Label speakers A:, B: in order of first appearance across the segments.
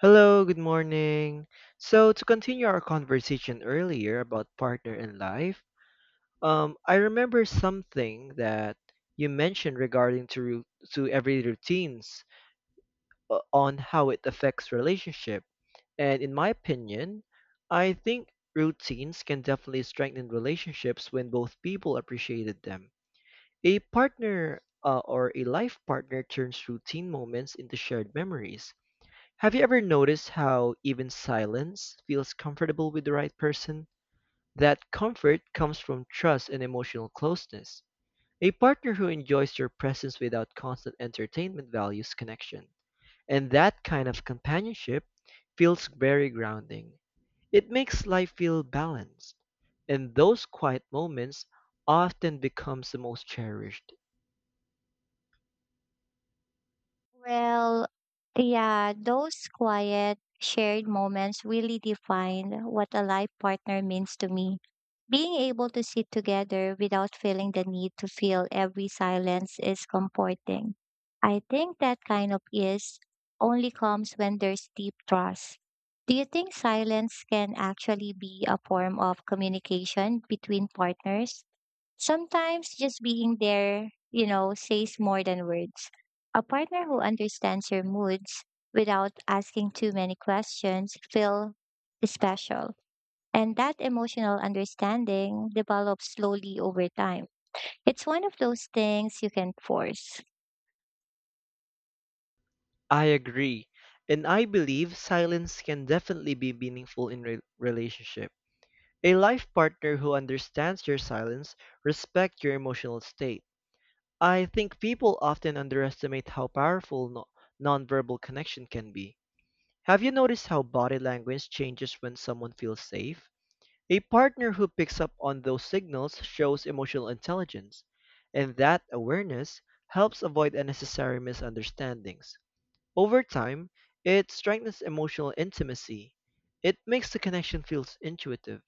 A: Hello, good morning. So, to continue our conversation earlier about partner in life, I remember something that you mentioned regarding to every routines on how it affects relationship. And in my opinion, I think routines can definitely strengthen relationships when both people appreciated them. A partner, or a life partner turns routine moments into shared memories. Have you ever noticed how even silence feels comfortable with the right person? That comfort comes from trust and emotional closeness. A partner who enjoys your presence without constant entertainment values connection. And that kind of companionship feels very grounding. It makes life feel balanced. And those quiet moments often becomes the most cherished.
B: Well, yeah, those quiet, shared moments really define what a life partner means to me. Being able to sit together without feeling the need to fill every silence is comforting. I think that kind of ease only comes when there's deep trust. Do you think silence can actually be a form of communication between partners? Sometimes just being there, says more than words. A partner who understands your moods without asking too many questions feel special. And that emotional understanding develops slowly over time. It's one of those things you can force.
A: I agree. And I believe silence can definitely be meaningful in relationship. A life partner who understands your silence, respects your emotional state. I think people often underestimate how powerful nonverbal connection can be. Have you noticed how body language changes when someone feels safe? A partner who picks up on those signals shows emotional intelligence, and that awareness helps avoid unnecessary misunderstandings. Over time, it strengthens emotional intimacy. It makes the connection feels intuitive.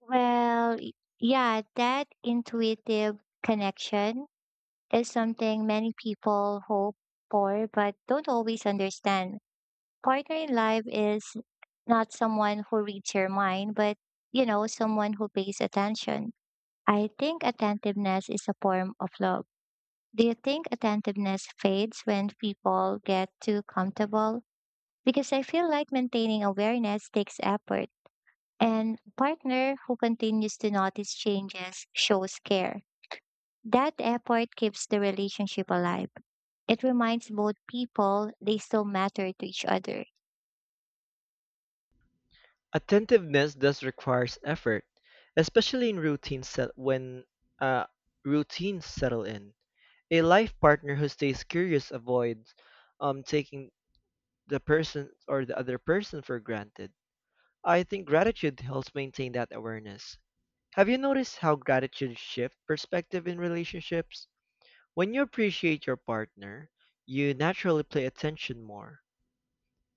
B: Well, y- yeah, that intuitive connection is something many people hope for but don't always understand partner in life is not someone who reads your mind, but someone who pays attention. I think attentiveness is a form of love. Do you think attentiveness fades when people get too comfortable? Because I feel like maintaining awareness takes effort, and a partner who continues to notice changes shows care. That effort keeps the relationship alive. It reminds both people they still matter to each other.
A: Attentiveness does requires effort, especially in uh, routines settle in. A life partner who stays curious avoids taking the person or the other person for granted. I think gratitude helps maintain that awareness. Have you noticed how gratitude shifts perspective in relationships? When you appreciate your partner, you naturally pay attention more.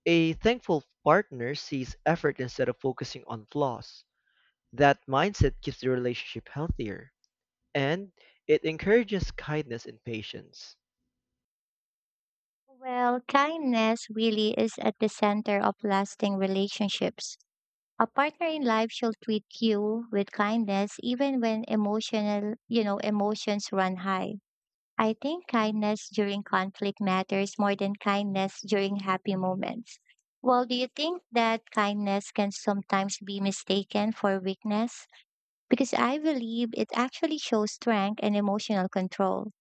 A: A thankful partner sees effort instead of focusing on flaws. That mindset keeps the relationship healthier, and it encourages kindness and patience.
B: Well, kindness really is at the center of lasting relationships. A partner in life should treat you with kindness even when emotional, emotions run high. I think kindness during conflict matters more than kindness during happy moments. Well, do you think that kindness can sometimes be mistaken for weakness? Because I believe it actually shows strength and emotional control.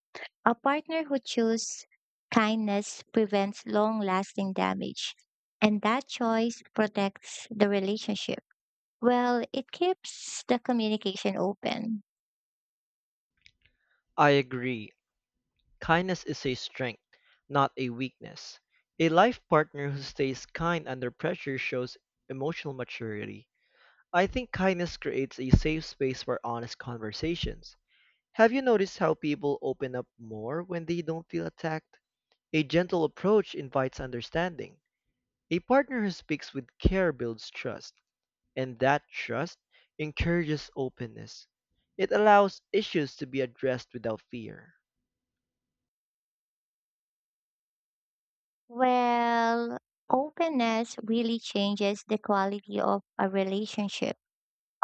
B: A partner who chooses kindness prevents long lasting damage, and that choice protects the relationship. Well, it keeps the communication open.
A: I agree. Kindness is a strength, not a weakness. A life partner who stays kind under pressure shows emotional maturity. I think kindness creates a safe space for honest conversations. Have you noticed how people open up more when they don't feel attacked? A gentle approach invites understanding. A partner who speaks with care builds trust, and that trust encourages openness. It allows issues to be addressed without fear.
B: Well, openness really changes the quality of a relationship.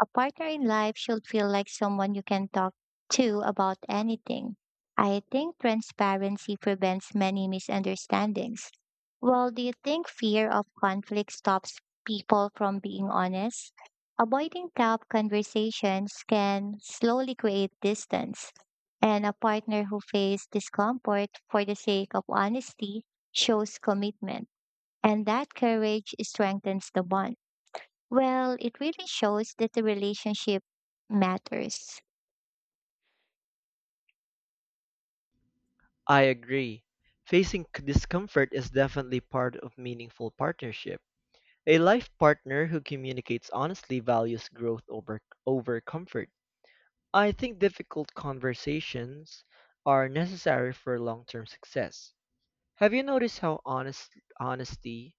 B: A partner in life should feel like someone you can talk to about anything. I think transparency prevents many misunderstandings. Well, do you think fear of conflict stops people from being honest? Avoiding tough conversations can slowly create distance, and a partner who faces discomfort for the sake of honesty shows commitment, and that courage strengthens the bond. Well, it really shows that the relationship matters.
A: I agree. Facing discomfort is definitely part of meaningful partnership. A life partner who communicates honestly values growth over comfort. I think difficult conversations are necessary for long-term success. Have you noticed how honesty,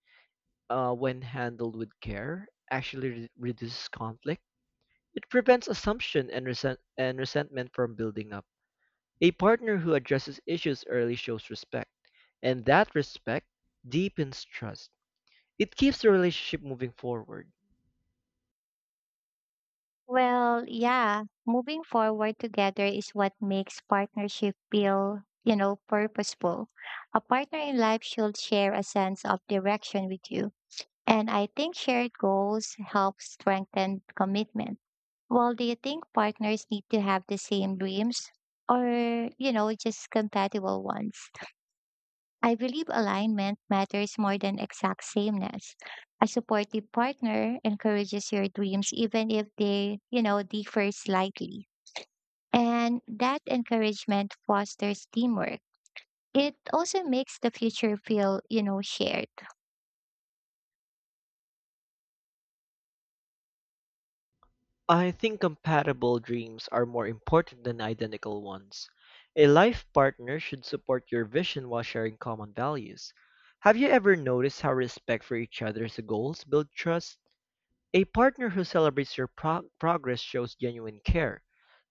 A: when handled with care, actually reduces conflict? It prevents assumption and resentment from building up. A partner who addresses issues early shows respect, and that respect deepens trust. It keeps the relationship moving forward.
B: Well, yeah, moving forward together is what makes partnership feel, purposeful. A partner in life should share a sense of direction with you. And I think shared goals help strengthen commitment. Well, do you think partners need to have the same dreams or, just compatible ones? I believe alignment matters more than exact sameness. A supportive partner encourages your dreams even if they, differ slightly. And that encouragement fosters teamwork. It also makes the future feel, shared.
A: I think compatible dreams are more important than identical ones. A life partner should support your vision while sharing common values. Have you ever noticed how respect for each other's goals builds trust? A partner who celebrates your progress shows genuine care,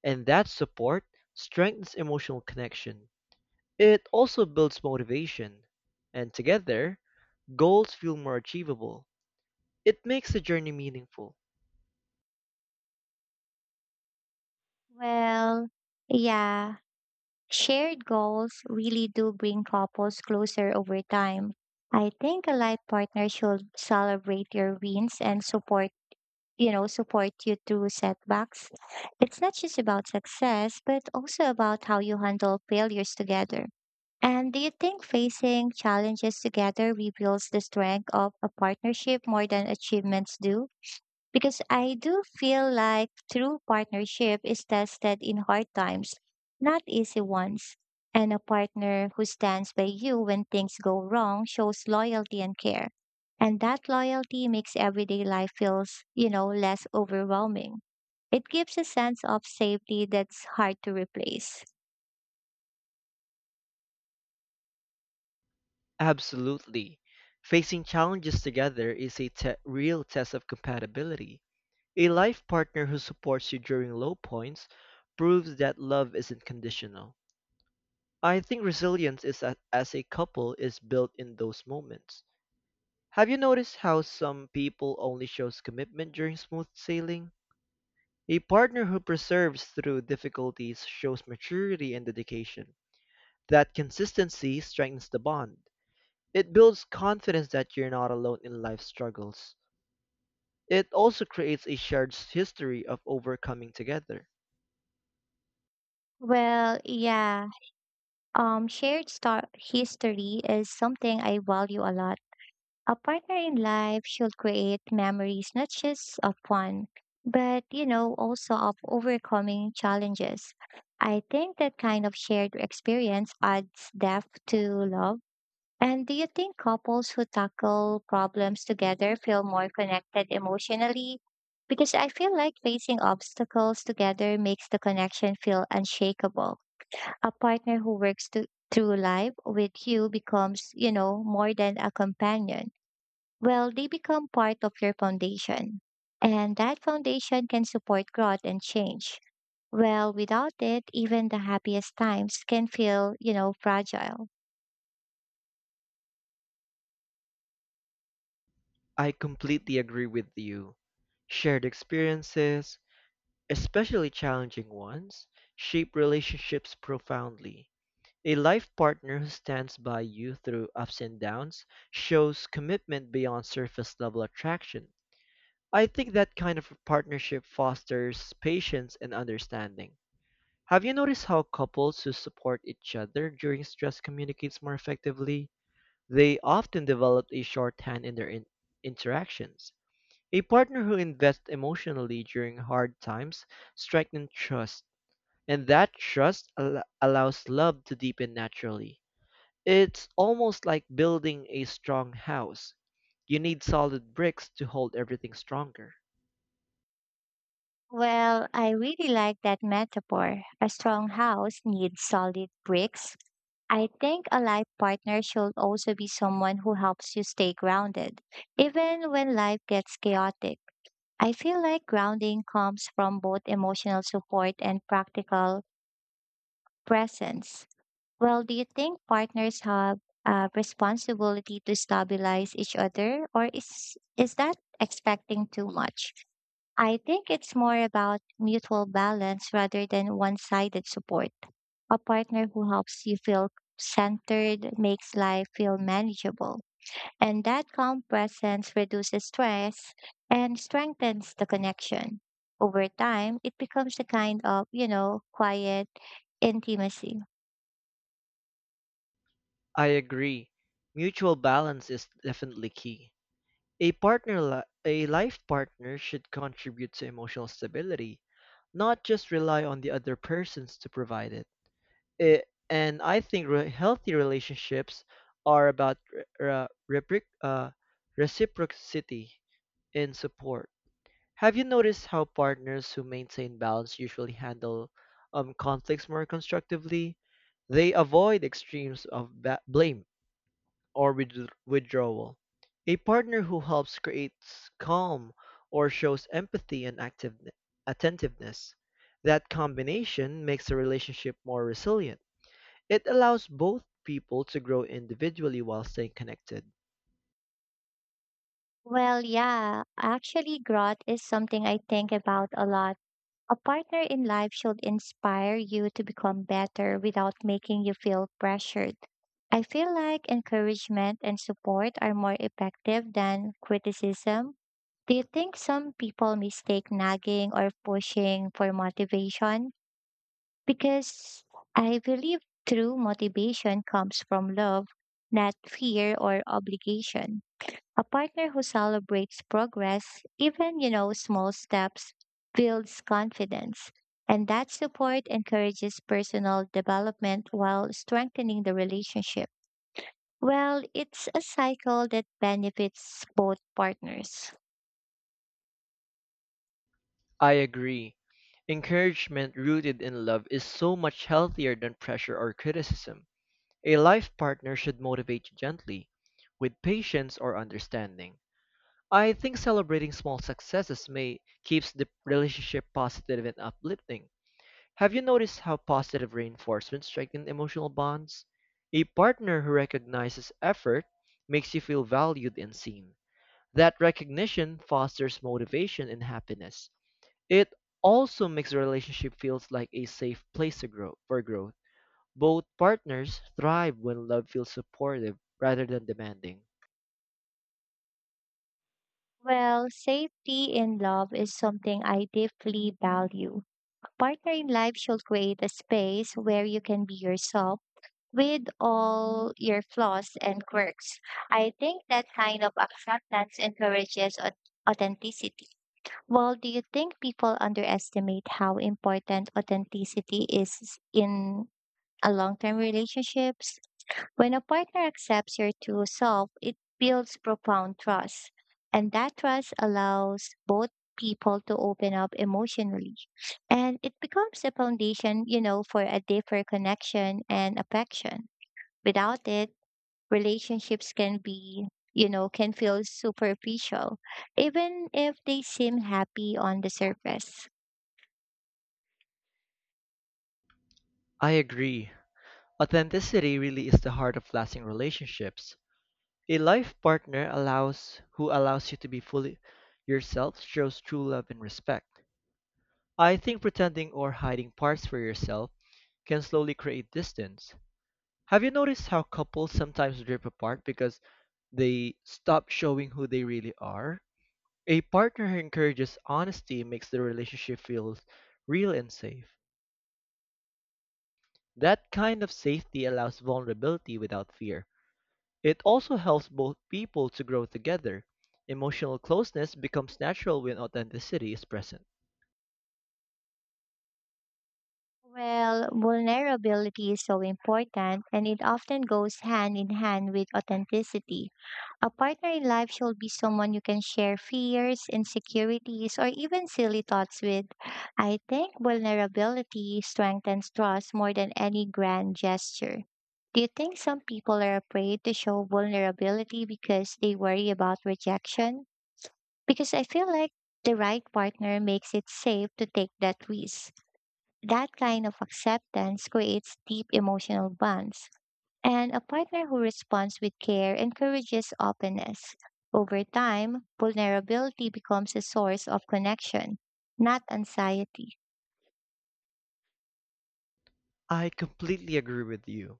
A: and that support strengthens emotional connection. It also builds motivation, and together, goals feel more achievable. It makes the journey meaningful.
B: Well, yeah, shared goals really do bring couples closer over time. I think a life partner should celebrate your wins and support you through setbacks. It's not just about success, but also about how you handle failures together. And do you think facing challenges together reveals the strength of a partnership more than achievements do? Because I do feel like true partnership is tested in hard times, not easy ones. And a partner who stands by you when things go wrong shows loyalty and care. And that loyalty makes everyday life feels, less overwhelming. It gives a sense of safety that's hard to replace.
A: Absolutely. Facing challenges together is real test of compatibility. A life partner who supports you during low points proves that love isn't conditional. I think resilience as a couple is built in those moments. Have you noticed how some people only shows commitment during smooth sailing? A partner who perseveres through difficulties shows maturity and dedication. That consistency strengthens the bond. It builds confidence that you're not alone in life's struggles. It also creates a shared history of overcoming together.
B: Well, yeah, history is something I value a lot. A partner in life should create memories not just of fun, but also of overcoming challenges. I think that kind of shared experience adds depth to love. And do you think couples who tackle problems together feel more connected emotionally? Because I feel like facing obstacles together makes the connection feel unshakable. A partner who works to, through life with you becomes, more than a companion. Well, they become part of your foundation. And that foundation can support growth and change. Well, without it, even the happiest times can feel, fragile.
A: I completely agree with you. Shared experiences, especially challenging ones, shape relationships profoundly. A life partner who stands by you through ups and downs shows commitment beyond surface level attraction. I think that kind of partnership fosters patience and understanding. Have you noticed how couples who support each other during stress communicates more effectively? They often develop a shorthand in interactions. A partner who invests emotionally during hard times strengthens trust, and that trust allows love to deepen naturally. It's almost like building a strong house. You need solid bricks to hold everything stronger.
B: Well, I really like that metaphor. A strong house needs solid bricks. I think a life partner should also be someone who helps you stay grounded, even when life gets chaotic. I feel like grounding comes from both emotional support and practical presence. Well, do you think partners have a responsibility to stabilize each other, or is that expecting too much? I think it's more about mutual balance rather than one-sided support. A partner who helps you feel centered makes life feel manageable, and that calm presence reduces stress and strengthens the connection. Over time, it becomes a kind of, quiet intimacy.
A: I agree. Mutual balance is definitely key. A life partner should contribute to emotional stability, not just rely on the other persons to provide it. I- and I think healthy relationships are about repric- uh, reciprocity in support. Have you noticed how partners who maintain balance usually handle conflicts more constructively? They avoid extremes of blame or withdrawal. A partner who helps creates calm or shows empathy and active attentiveness. That combination makes a relationship more resilient. It allows both people to grow individually while staying connected.
B: Well, yeah, actually, growth is something I think about a lot. A partner in life should inspire you to become better without making you feel pressured. I feel like encouragement and support are more effective than criticism. Do you think some people mistake nagging or pushing for motivation? Because I believe true motivation comes from love, not fear or obligation. A partner who celebrates progress, even, small steps, builds confidence. And that support encourages personal development while strengthening the relationship. Well, it's a cycle that benefits both partners.
A: I agree. Encouragement rooted in love is so much healthier than pressure or criticism. A life partner should motivate you gently, with patience or understanding. I think celebrating small successes may keeps the relationship positive and uplifting. Have you noticed how positive reinforcement strengthens emotional bonds? A partner who recognizes effort makes you feel valued and seen. That recognition fosters motivation and happiness. It also makes the relationship feels like a safe place to grow for growth. Both partners thrive when love feels supportive rather than demanding.
B: Well, safety in love is something I deeply value. A partner in life should create a space where you can be yourself with all your flaws and quirks. I think that kind of acceptance encourages authenticity. Well, do you think people underestimate how important authenticity is in a long-term relationships? When a partner accepts your true self, it builds profound trust, and that trust allows both people to open up emotionally and it becomes a foundation for a deeper connection and affection. Without it, relationships can be, can feel superficial, even if they seem happy on the surface.
A: I agree. Authenticity really is the heart of lasting relationships. A life partner allows who allows you to be fully yourself shows true love and respect. I think pretending or hiding parts for yourself can slowly create distance. Have you noticed how couples sometimes drift apart because they stop showing who they really are? A partner who encourages honesty makes the relationship feel real and safe. That kind of safety allows vulnerability without fear. It also helps both people to grow together. Emotional closeness becomes natural when authenticity is present.
B: Well, vulnerability is so important and it often goes hand in hand with authenticity. A partner in life should be someone you can share fears, insecurities, or even silly thoughts with. I think vulnerability strengthens trust more than any grand gesture. Do you think some people are afraid to show vulnerability because they worry about rejection? Because I feel like the right partner makes it safe to take that risk. That kind of acceptance creates deep emotional bonds and a partner who responds with care encourages openness. Over time, vulnerability becomes a source of connection, not anxiety.
A: I completely agree with you.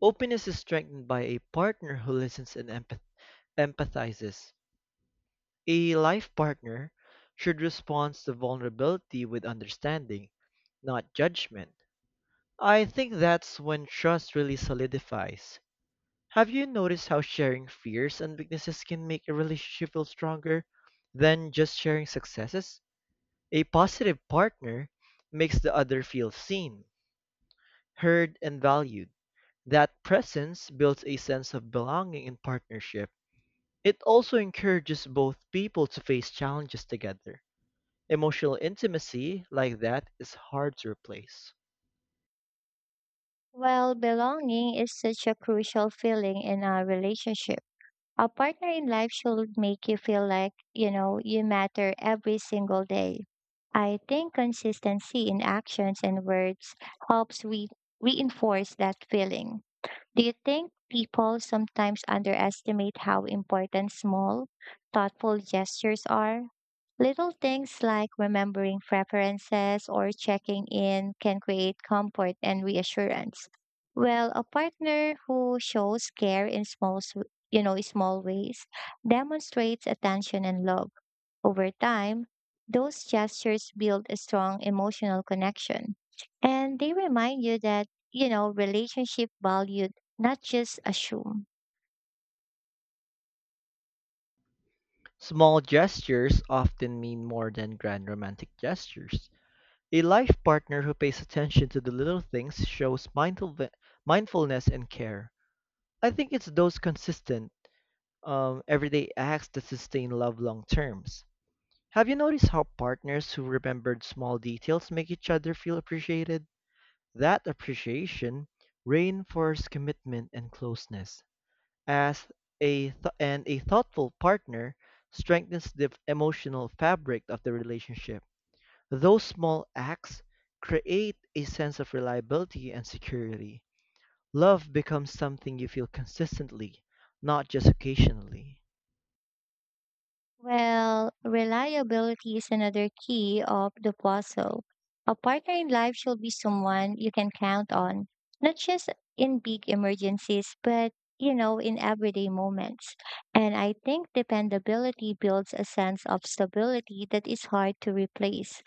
A: Openness is strengthened by a partner who listens and empathizes. A life partner should respond to vulnerability with understanding, not judgment. I think that's when trust really solidifies. Have you noticed how sharing fears and weaknesses can make a relationship feel stronger than just sharing successes? A positive partner makes the other feel seen, heard, and valued. That presence builds a sense of belonging in partnership. It also encourages both people to face challenges together. Emotional intimacy like that is hard to replace.
B: While belonging is such a crucial feeling in a relationship, a partner in life should make you feel like, you matter every single day. I think consistency in actions and words helps reinforce that feeling. Do you think people sometimes underestimate how important small, thoughtful gestures are? Little things like remembering preferences or checking in can create comfort and reassurance. Well, a partner who shows care in small, s- you know, small ways demonstrates attention and love. Over time, those gestures build a strong emotional connection. And they remind you that, relationship valued, not just assume.
A: Small gestures often mean more than grand romantic gestures. A life partner who pays attention to the little things shows mindfulness and care. I think it's those consistent, everyday acts that sustain love long terms. Have you noticed how partners who remembered small details make each other feel appreciated? That appreciation reinforces commitment and closeness as and a thoughtful partner strengthens the emotional fabric of the relationship. Those small acts create a sense of reliability and security. Love becomes something you feel consistently, not just occasionally.
B: Well, reliability is another key of the puzzle. A partner in life should be someone you can count on, not just in big emergencies, but, in everyday moments. And I think dependability builds a sense of stability that is hard to replace.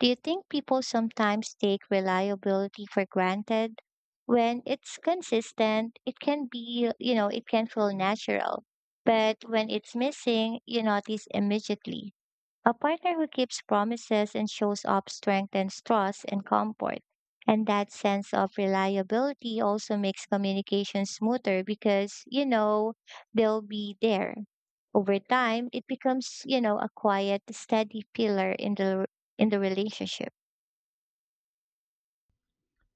B: Do you think people sometimes take reliability for granted? When it's consistent, it can be, you know, it can feel natural. But when it's missing, you notice immediately. A partner who keeps promises and shows up strengthens trust and comfort. And that sense of reliability also makes communication smoother because, they'll be there. Over time, it becomes, a quiet, steady pillar in the relationship.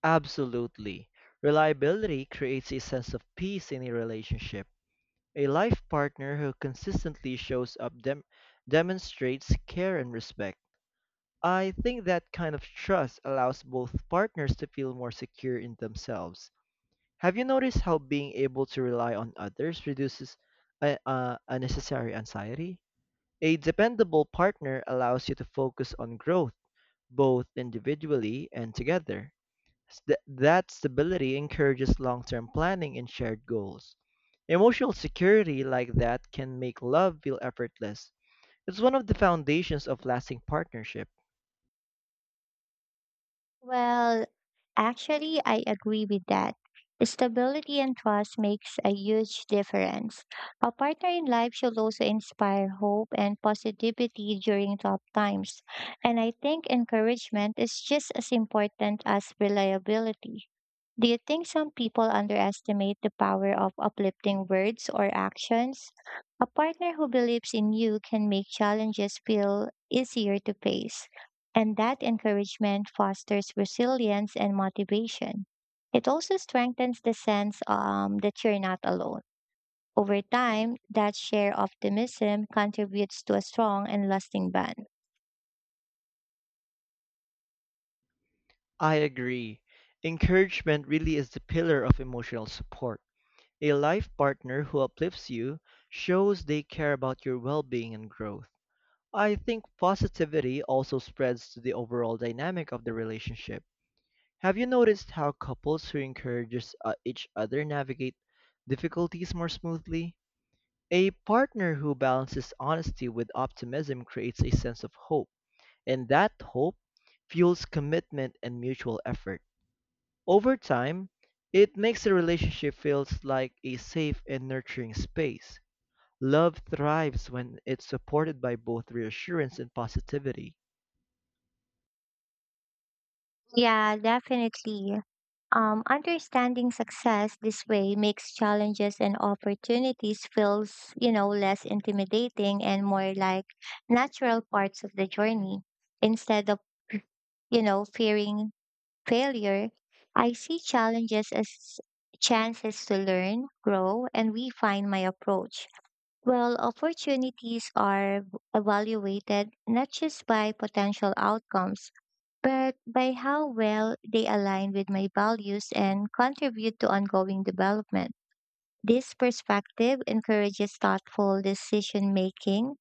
A: Absolutely. Reliability creates a sense of peace in a relationship. A life partner who consistently shows up demonstrates care and respect. I think that kind of trust allows both partners to feel more secure in themselves. Have you noticed how being able to rely on others reduces unnecessary anxiety? A dependable partner allows you to focus on growth, both individually and together. S- That stability encourages long term planning and shared goals. Emotional security like that can make love feel effortless. It's one of the foundations of lasting partnership.
B: Well, actually, I agree with that. Stability and trust makes a huge difference. A partner in life should also inspire hope and positivity during tough times. And I think encouragement is just as important as reliability. Do you think some people underestimate the power of uplifting words or actions? A partner who believes in you can make challenges feel easier to face, and that encouragement fosters resilience and motivation. It also strengthens the sense that you're not alone. Over time, that share optimism contributes to a strong and lasting bond.
A: I agree. Encouragement really is the pillar of emotional support. A life partner who uplifts you shows they care about your well being and growth. I think positivity also spreads to the overall dynamic of the relationship. Have you noticed how couples who encourage each other navigate difficulties more smoothly? A partner who balances honesty with optimism creates a sense of hope, and that hope fuels commitment and mutual effort. Over time, it makes the relationship feels like a safe and nurturing space. Love thrives when it's supported by both reassurance and positivity.
B: Yeah, definitely. Understanding success this way makes challenges and opportunities feels, less intimidating and more like natural parts of the journey. Instead of, fearing failure, I see challenges as chances to learn, grow, and refine my approach. Well, opportunities are evaluated not just by potential outcomes, but by how well they align with my values and contribute to ongoing development. This perspective encourages thoughtful decision making,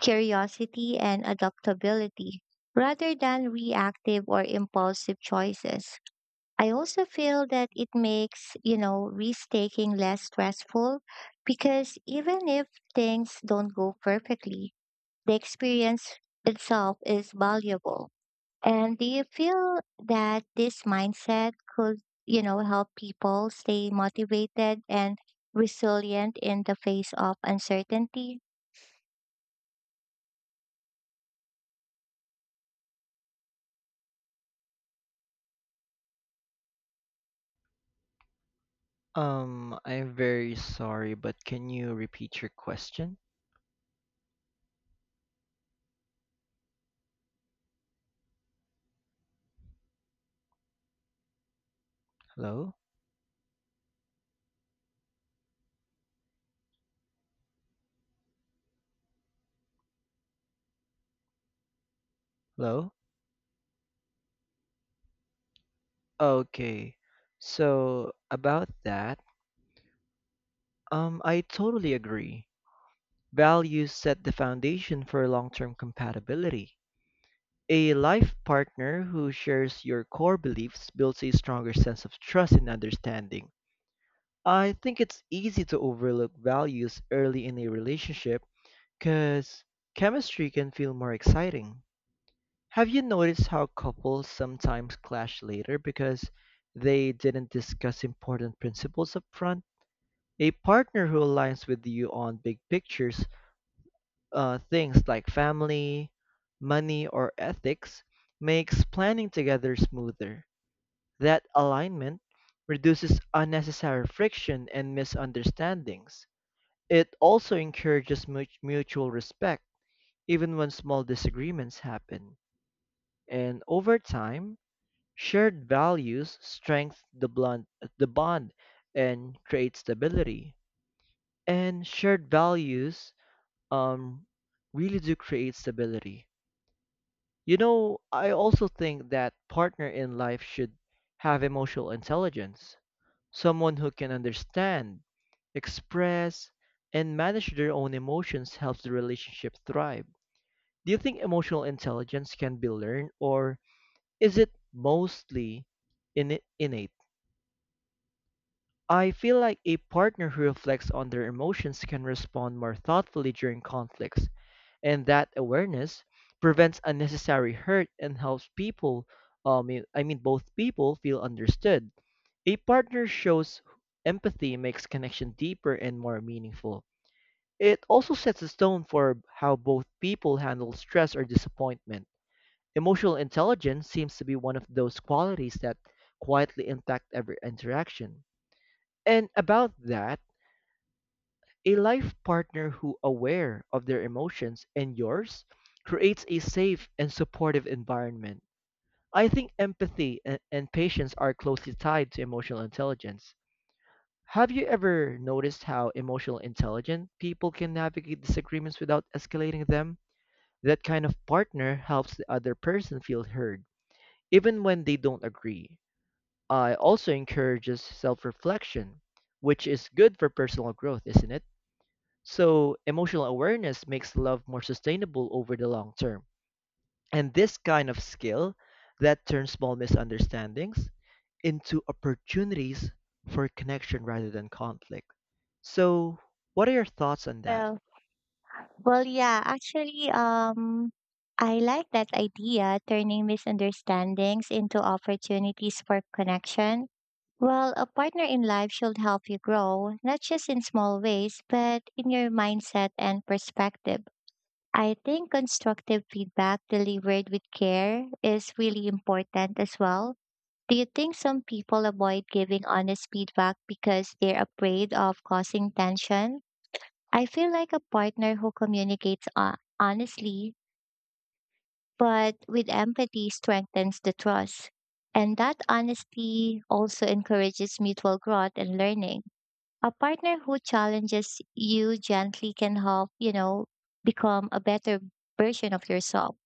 B: curiosity, and adaptability rather than reactive or impulsive choices. I also feel that it makes, risk taking less stressful because even if things don't go perfectly, the experience itself is valuable. And do you feel that this mindset could, help people stay motivated and resilient in the face of uncertainty?
A: I'm very sorry, but can you repeat your question? Hello? Hello? Okay. So, about that, I totally agree. Values set the foundation for long-term compatibility. A life partner who shares your core beliefs builds a stronger sense of trust and understanding. I think it's easy to overlook values early in a relationship because chemistry can feel more exciting. Have you noticed how couples sometimes clash later because they didn't discuss important principles up front? A partner who aligns with you on big pictures, things like family, money, or ethics, makes planning together smoother. That alignment reduces unnecessary friction and misunderstandings. It also encourages mutual respect, even when small disagreements happen. And over time, shared values strengthen the bond and create stability. And shared values um, really do create stability. You know, I also think that partner in life should have emotional intelligence. Someone who can understand, express, and manage their own emotions helps the relationship thrive. Do you think emotional intelligence can be learned or is it mostly innate? I feel like a partner who reflects on their emotions can respond more thoughtfully during conflicts, and that awareness prevents unnecessary hurt and helps people, I mean both people, feel understood. A partner shows empathy makes connection deeper and more meaningful. It also sets the tone for how both people handle stress or disappointment. Emotional intelligence seems to be one of those qualities that quietly impact every interaction. And about that, a life partner who aware of their emotions and yours creates a safe and supportive environment. I think empathy and patience are closely tied to emotional intelligence. Have you ever noticed how emotional intelligent people can navigate disagreements without escalating them? That kind of partner helps the other person feel heard, even when they don't agree. I also encourages self-reflection, which is good for personal growth, isn't it? So, emotional awareness makes love more sustainable over the long term. And this kind of skill that turns small misunderstandings into opportunities for connection rather than conflict. So, what are your thoughts on that?
B: Well, well, yeah, actually, I like that idea, turning misunderstandings into opportunities for connection. Well, a partner in life should help you grow, not just in small ways, but in your mindset and perspective. I think constructive feedback delivered with care is really important as well. Do you think some people avoid giving honest feedback because they're afraid of causing tension? I feel like a partner who communicates honestly but with empathy strengthens the trust. And that honesty also encourages mutual growth and learning. A partner who challenges you gently can help, become a better version of yourself.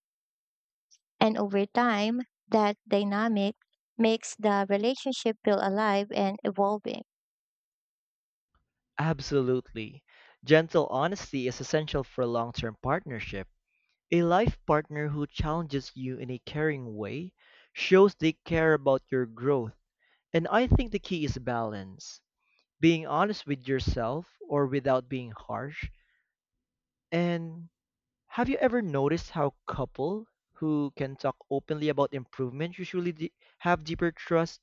B: And over time, that dynamic makes the relationship feel alive and evolving.
A: Absolutely. Gentle honesty is essential for long term partnership. A life partner who challenges you in a caring way shows they care about your growth. And I think the key is balance, being honest with yourself or without being harsh. And have you ever noticed how couple who can talk openly about improvement have deeper trust?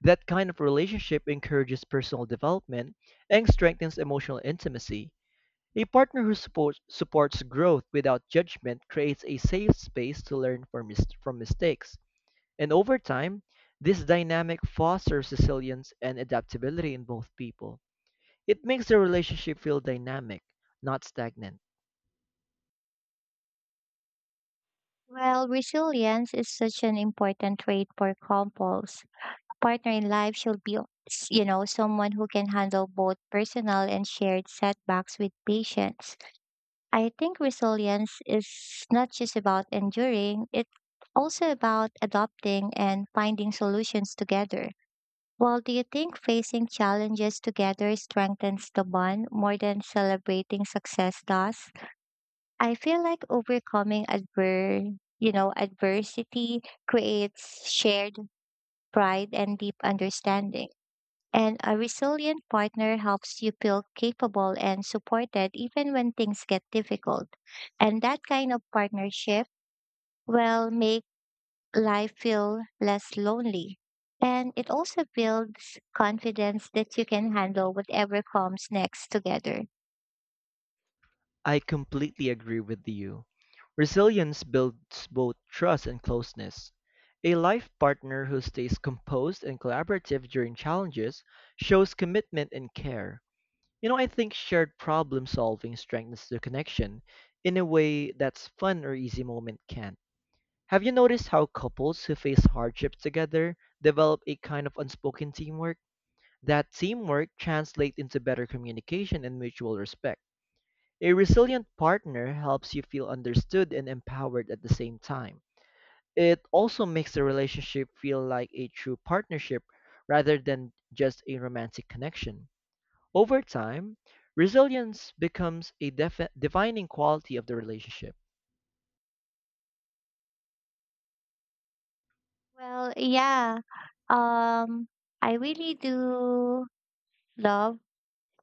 A: That kind of relationship encourages personal development and strengthens emotional intimacy. A partner who supports growth without judgment creates a safe space to learn from mistakes. And over time, this dynamic fosters resilience and adaptability in both people. It makes the relationship feel dynamic, not stagnant.
B: Well, resilience is such an important trait for couples. A partner in life should be, someone who can handle both personal and shared setbacks with patience. I think resilience is not just about enduring, it's also about adopting and finding solutions together. Well, do you think facing challenges together strengthens the bond more than celebrating success does? I feel like overcoming adver- you know, adversity creates shared pride and deep understanding. And a resilient partner helps you feel capable and supported even when things get difficult. And that kind of partnership will make life feel less lonely. And it also builds confidence that you can handle whatever comes next together.
A: I completely agree with you. Resilience builds both trust and closeness. A life partner who stays composed and collaborative during challenges shows commitment and care. You know, I think shared problem solving strengthens the connection in a way that's fun or easy moment can't. Have you noticed how couples who face hardships together develop a kind of unspoken teamwork? That teamwork translates into better communication and mutual respect. A resilient partner helps you feel understood and empowered at the same time. It also makes the relationship feel like a true partnership rather than just a romantic connection. Over time, resilience becomes a defining quality of the relationship.
B: Well, yeah, um, I really do love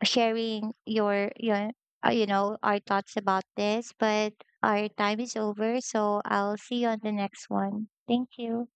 B: sharing our thoughts about this, but our time is over. So I'll see you on the next one. Thank you.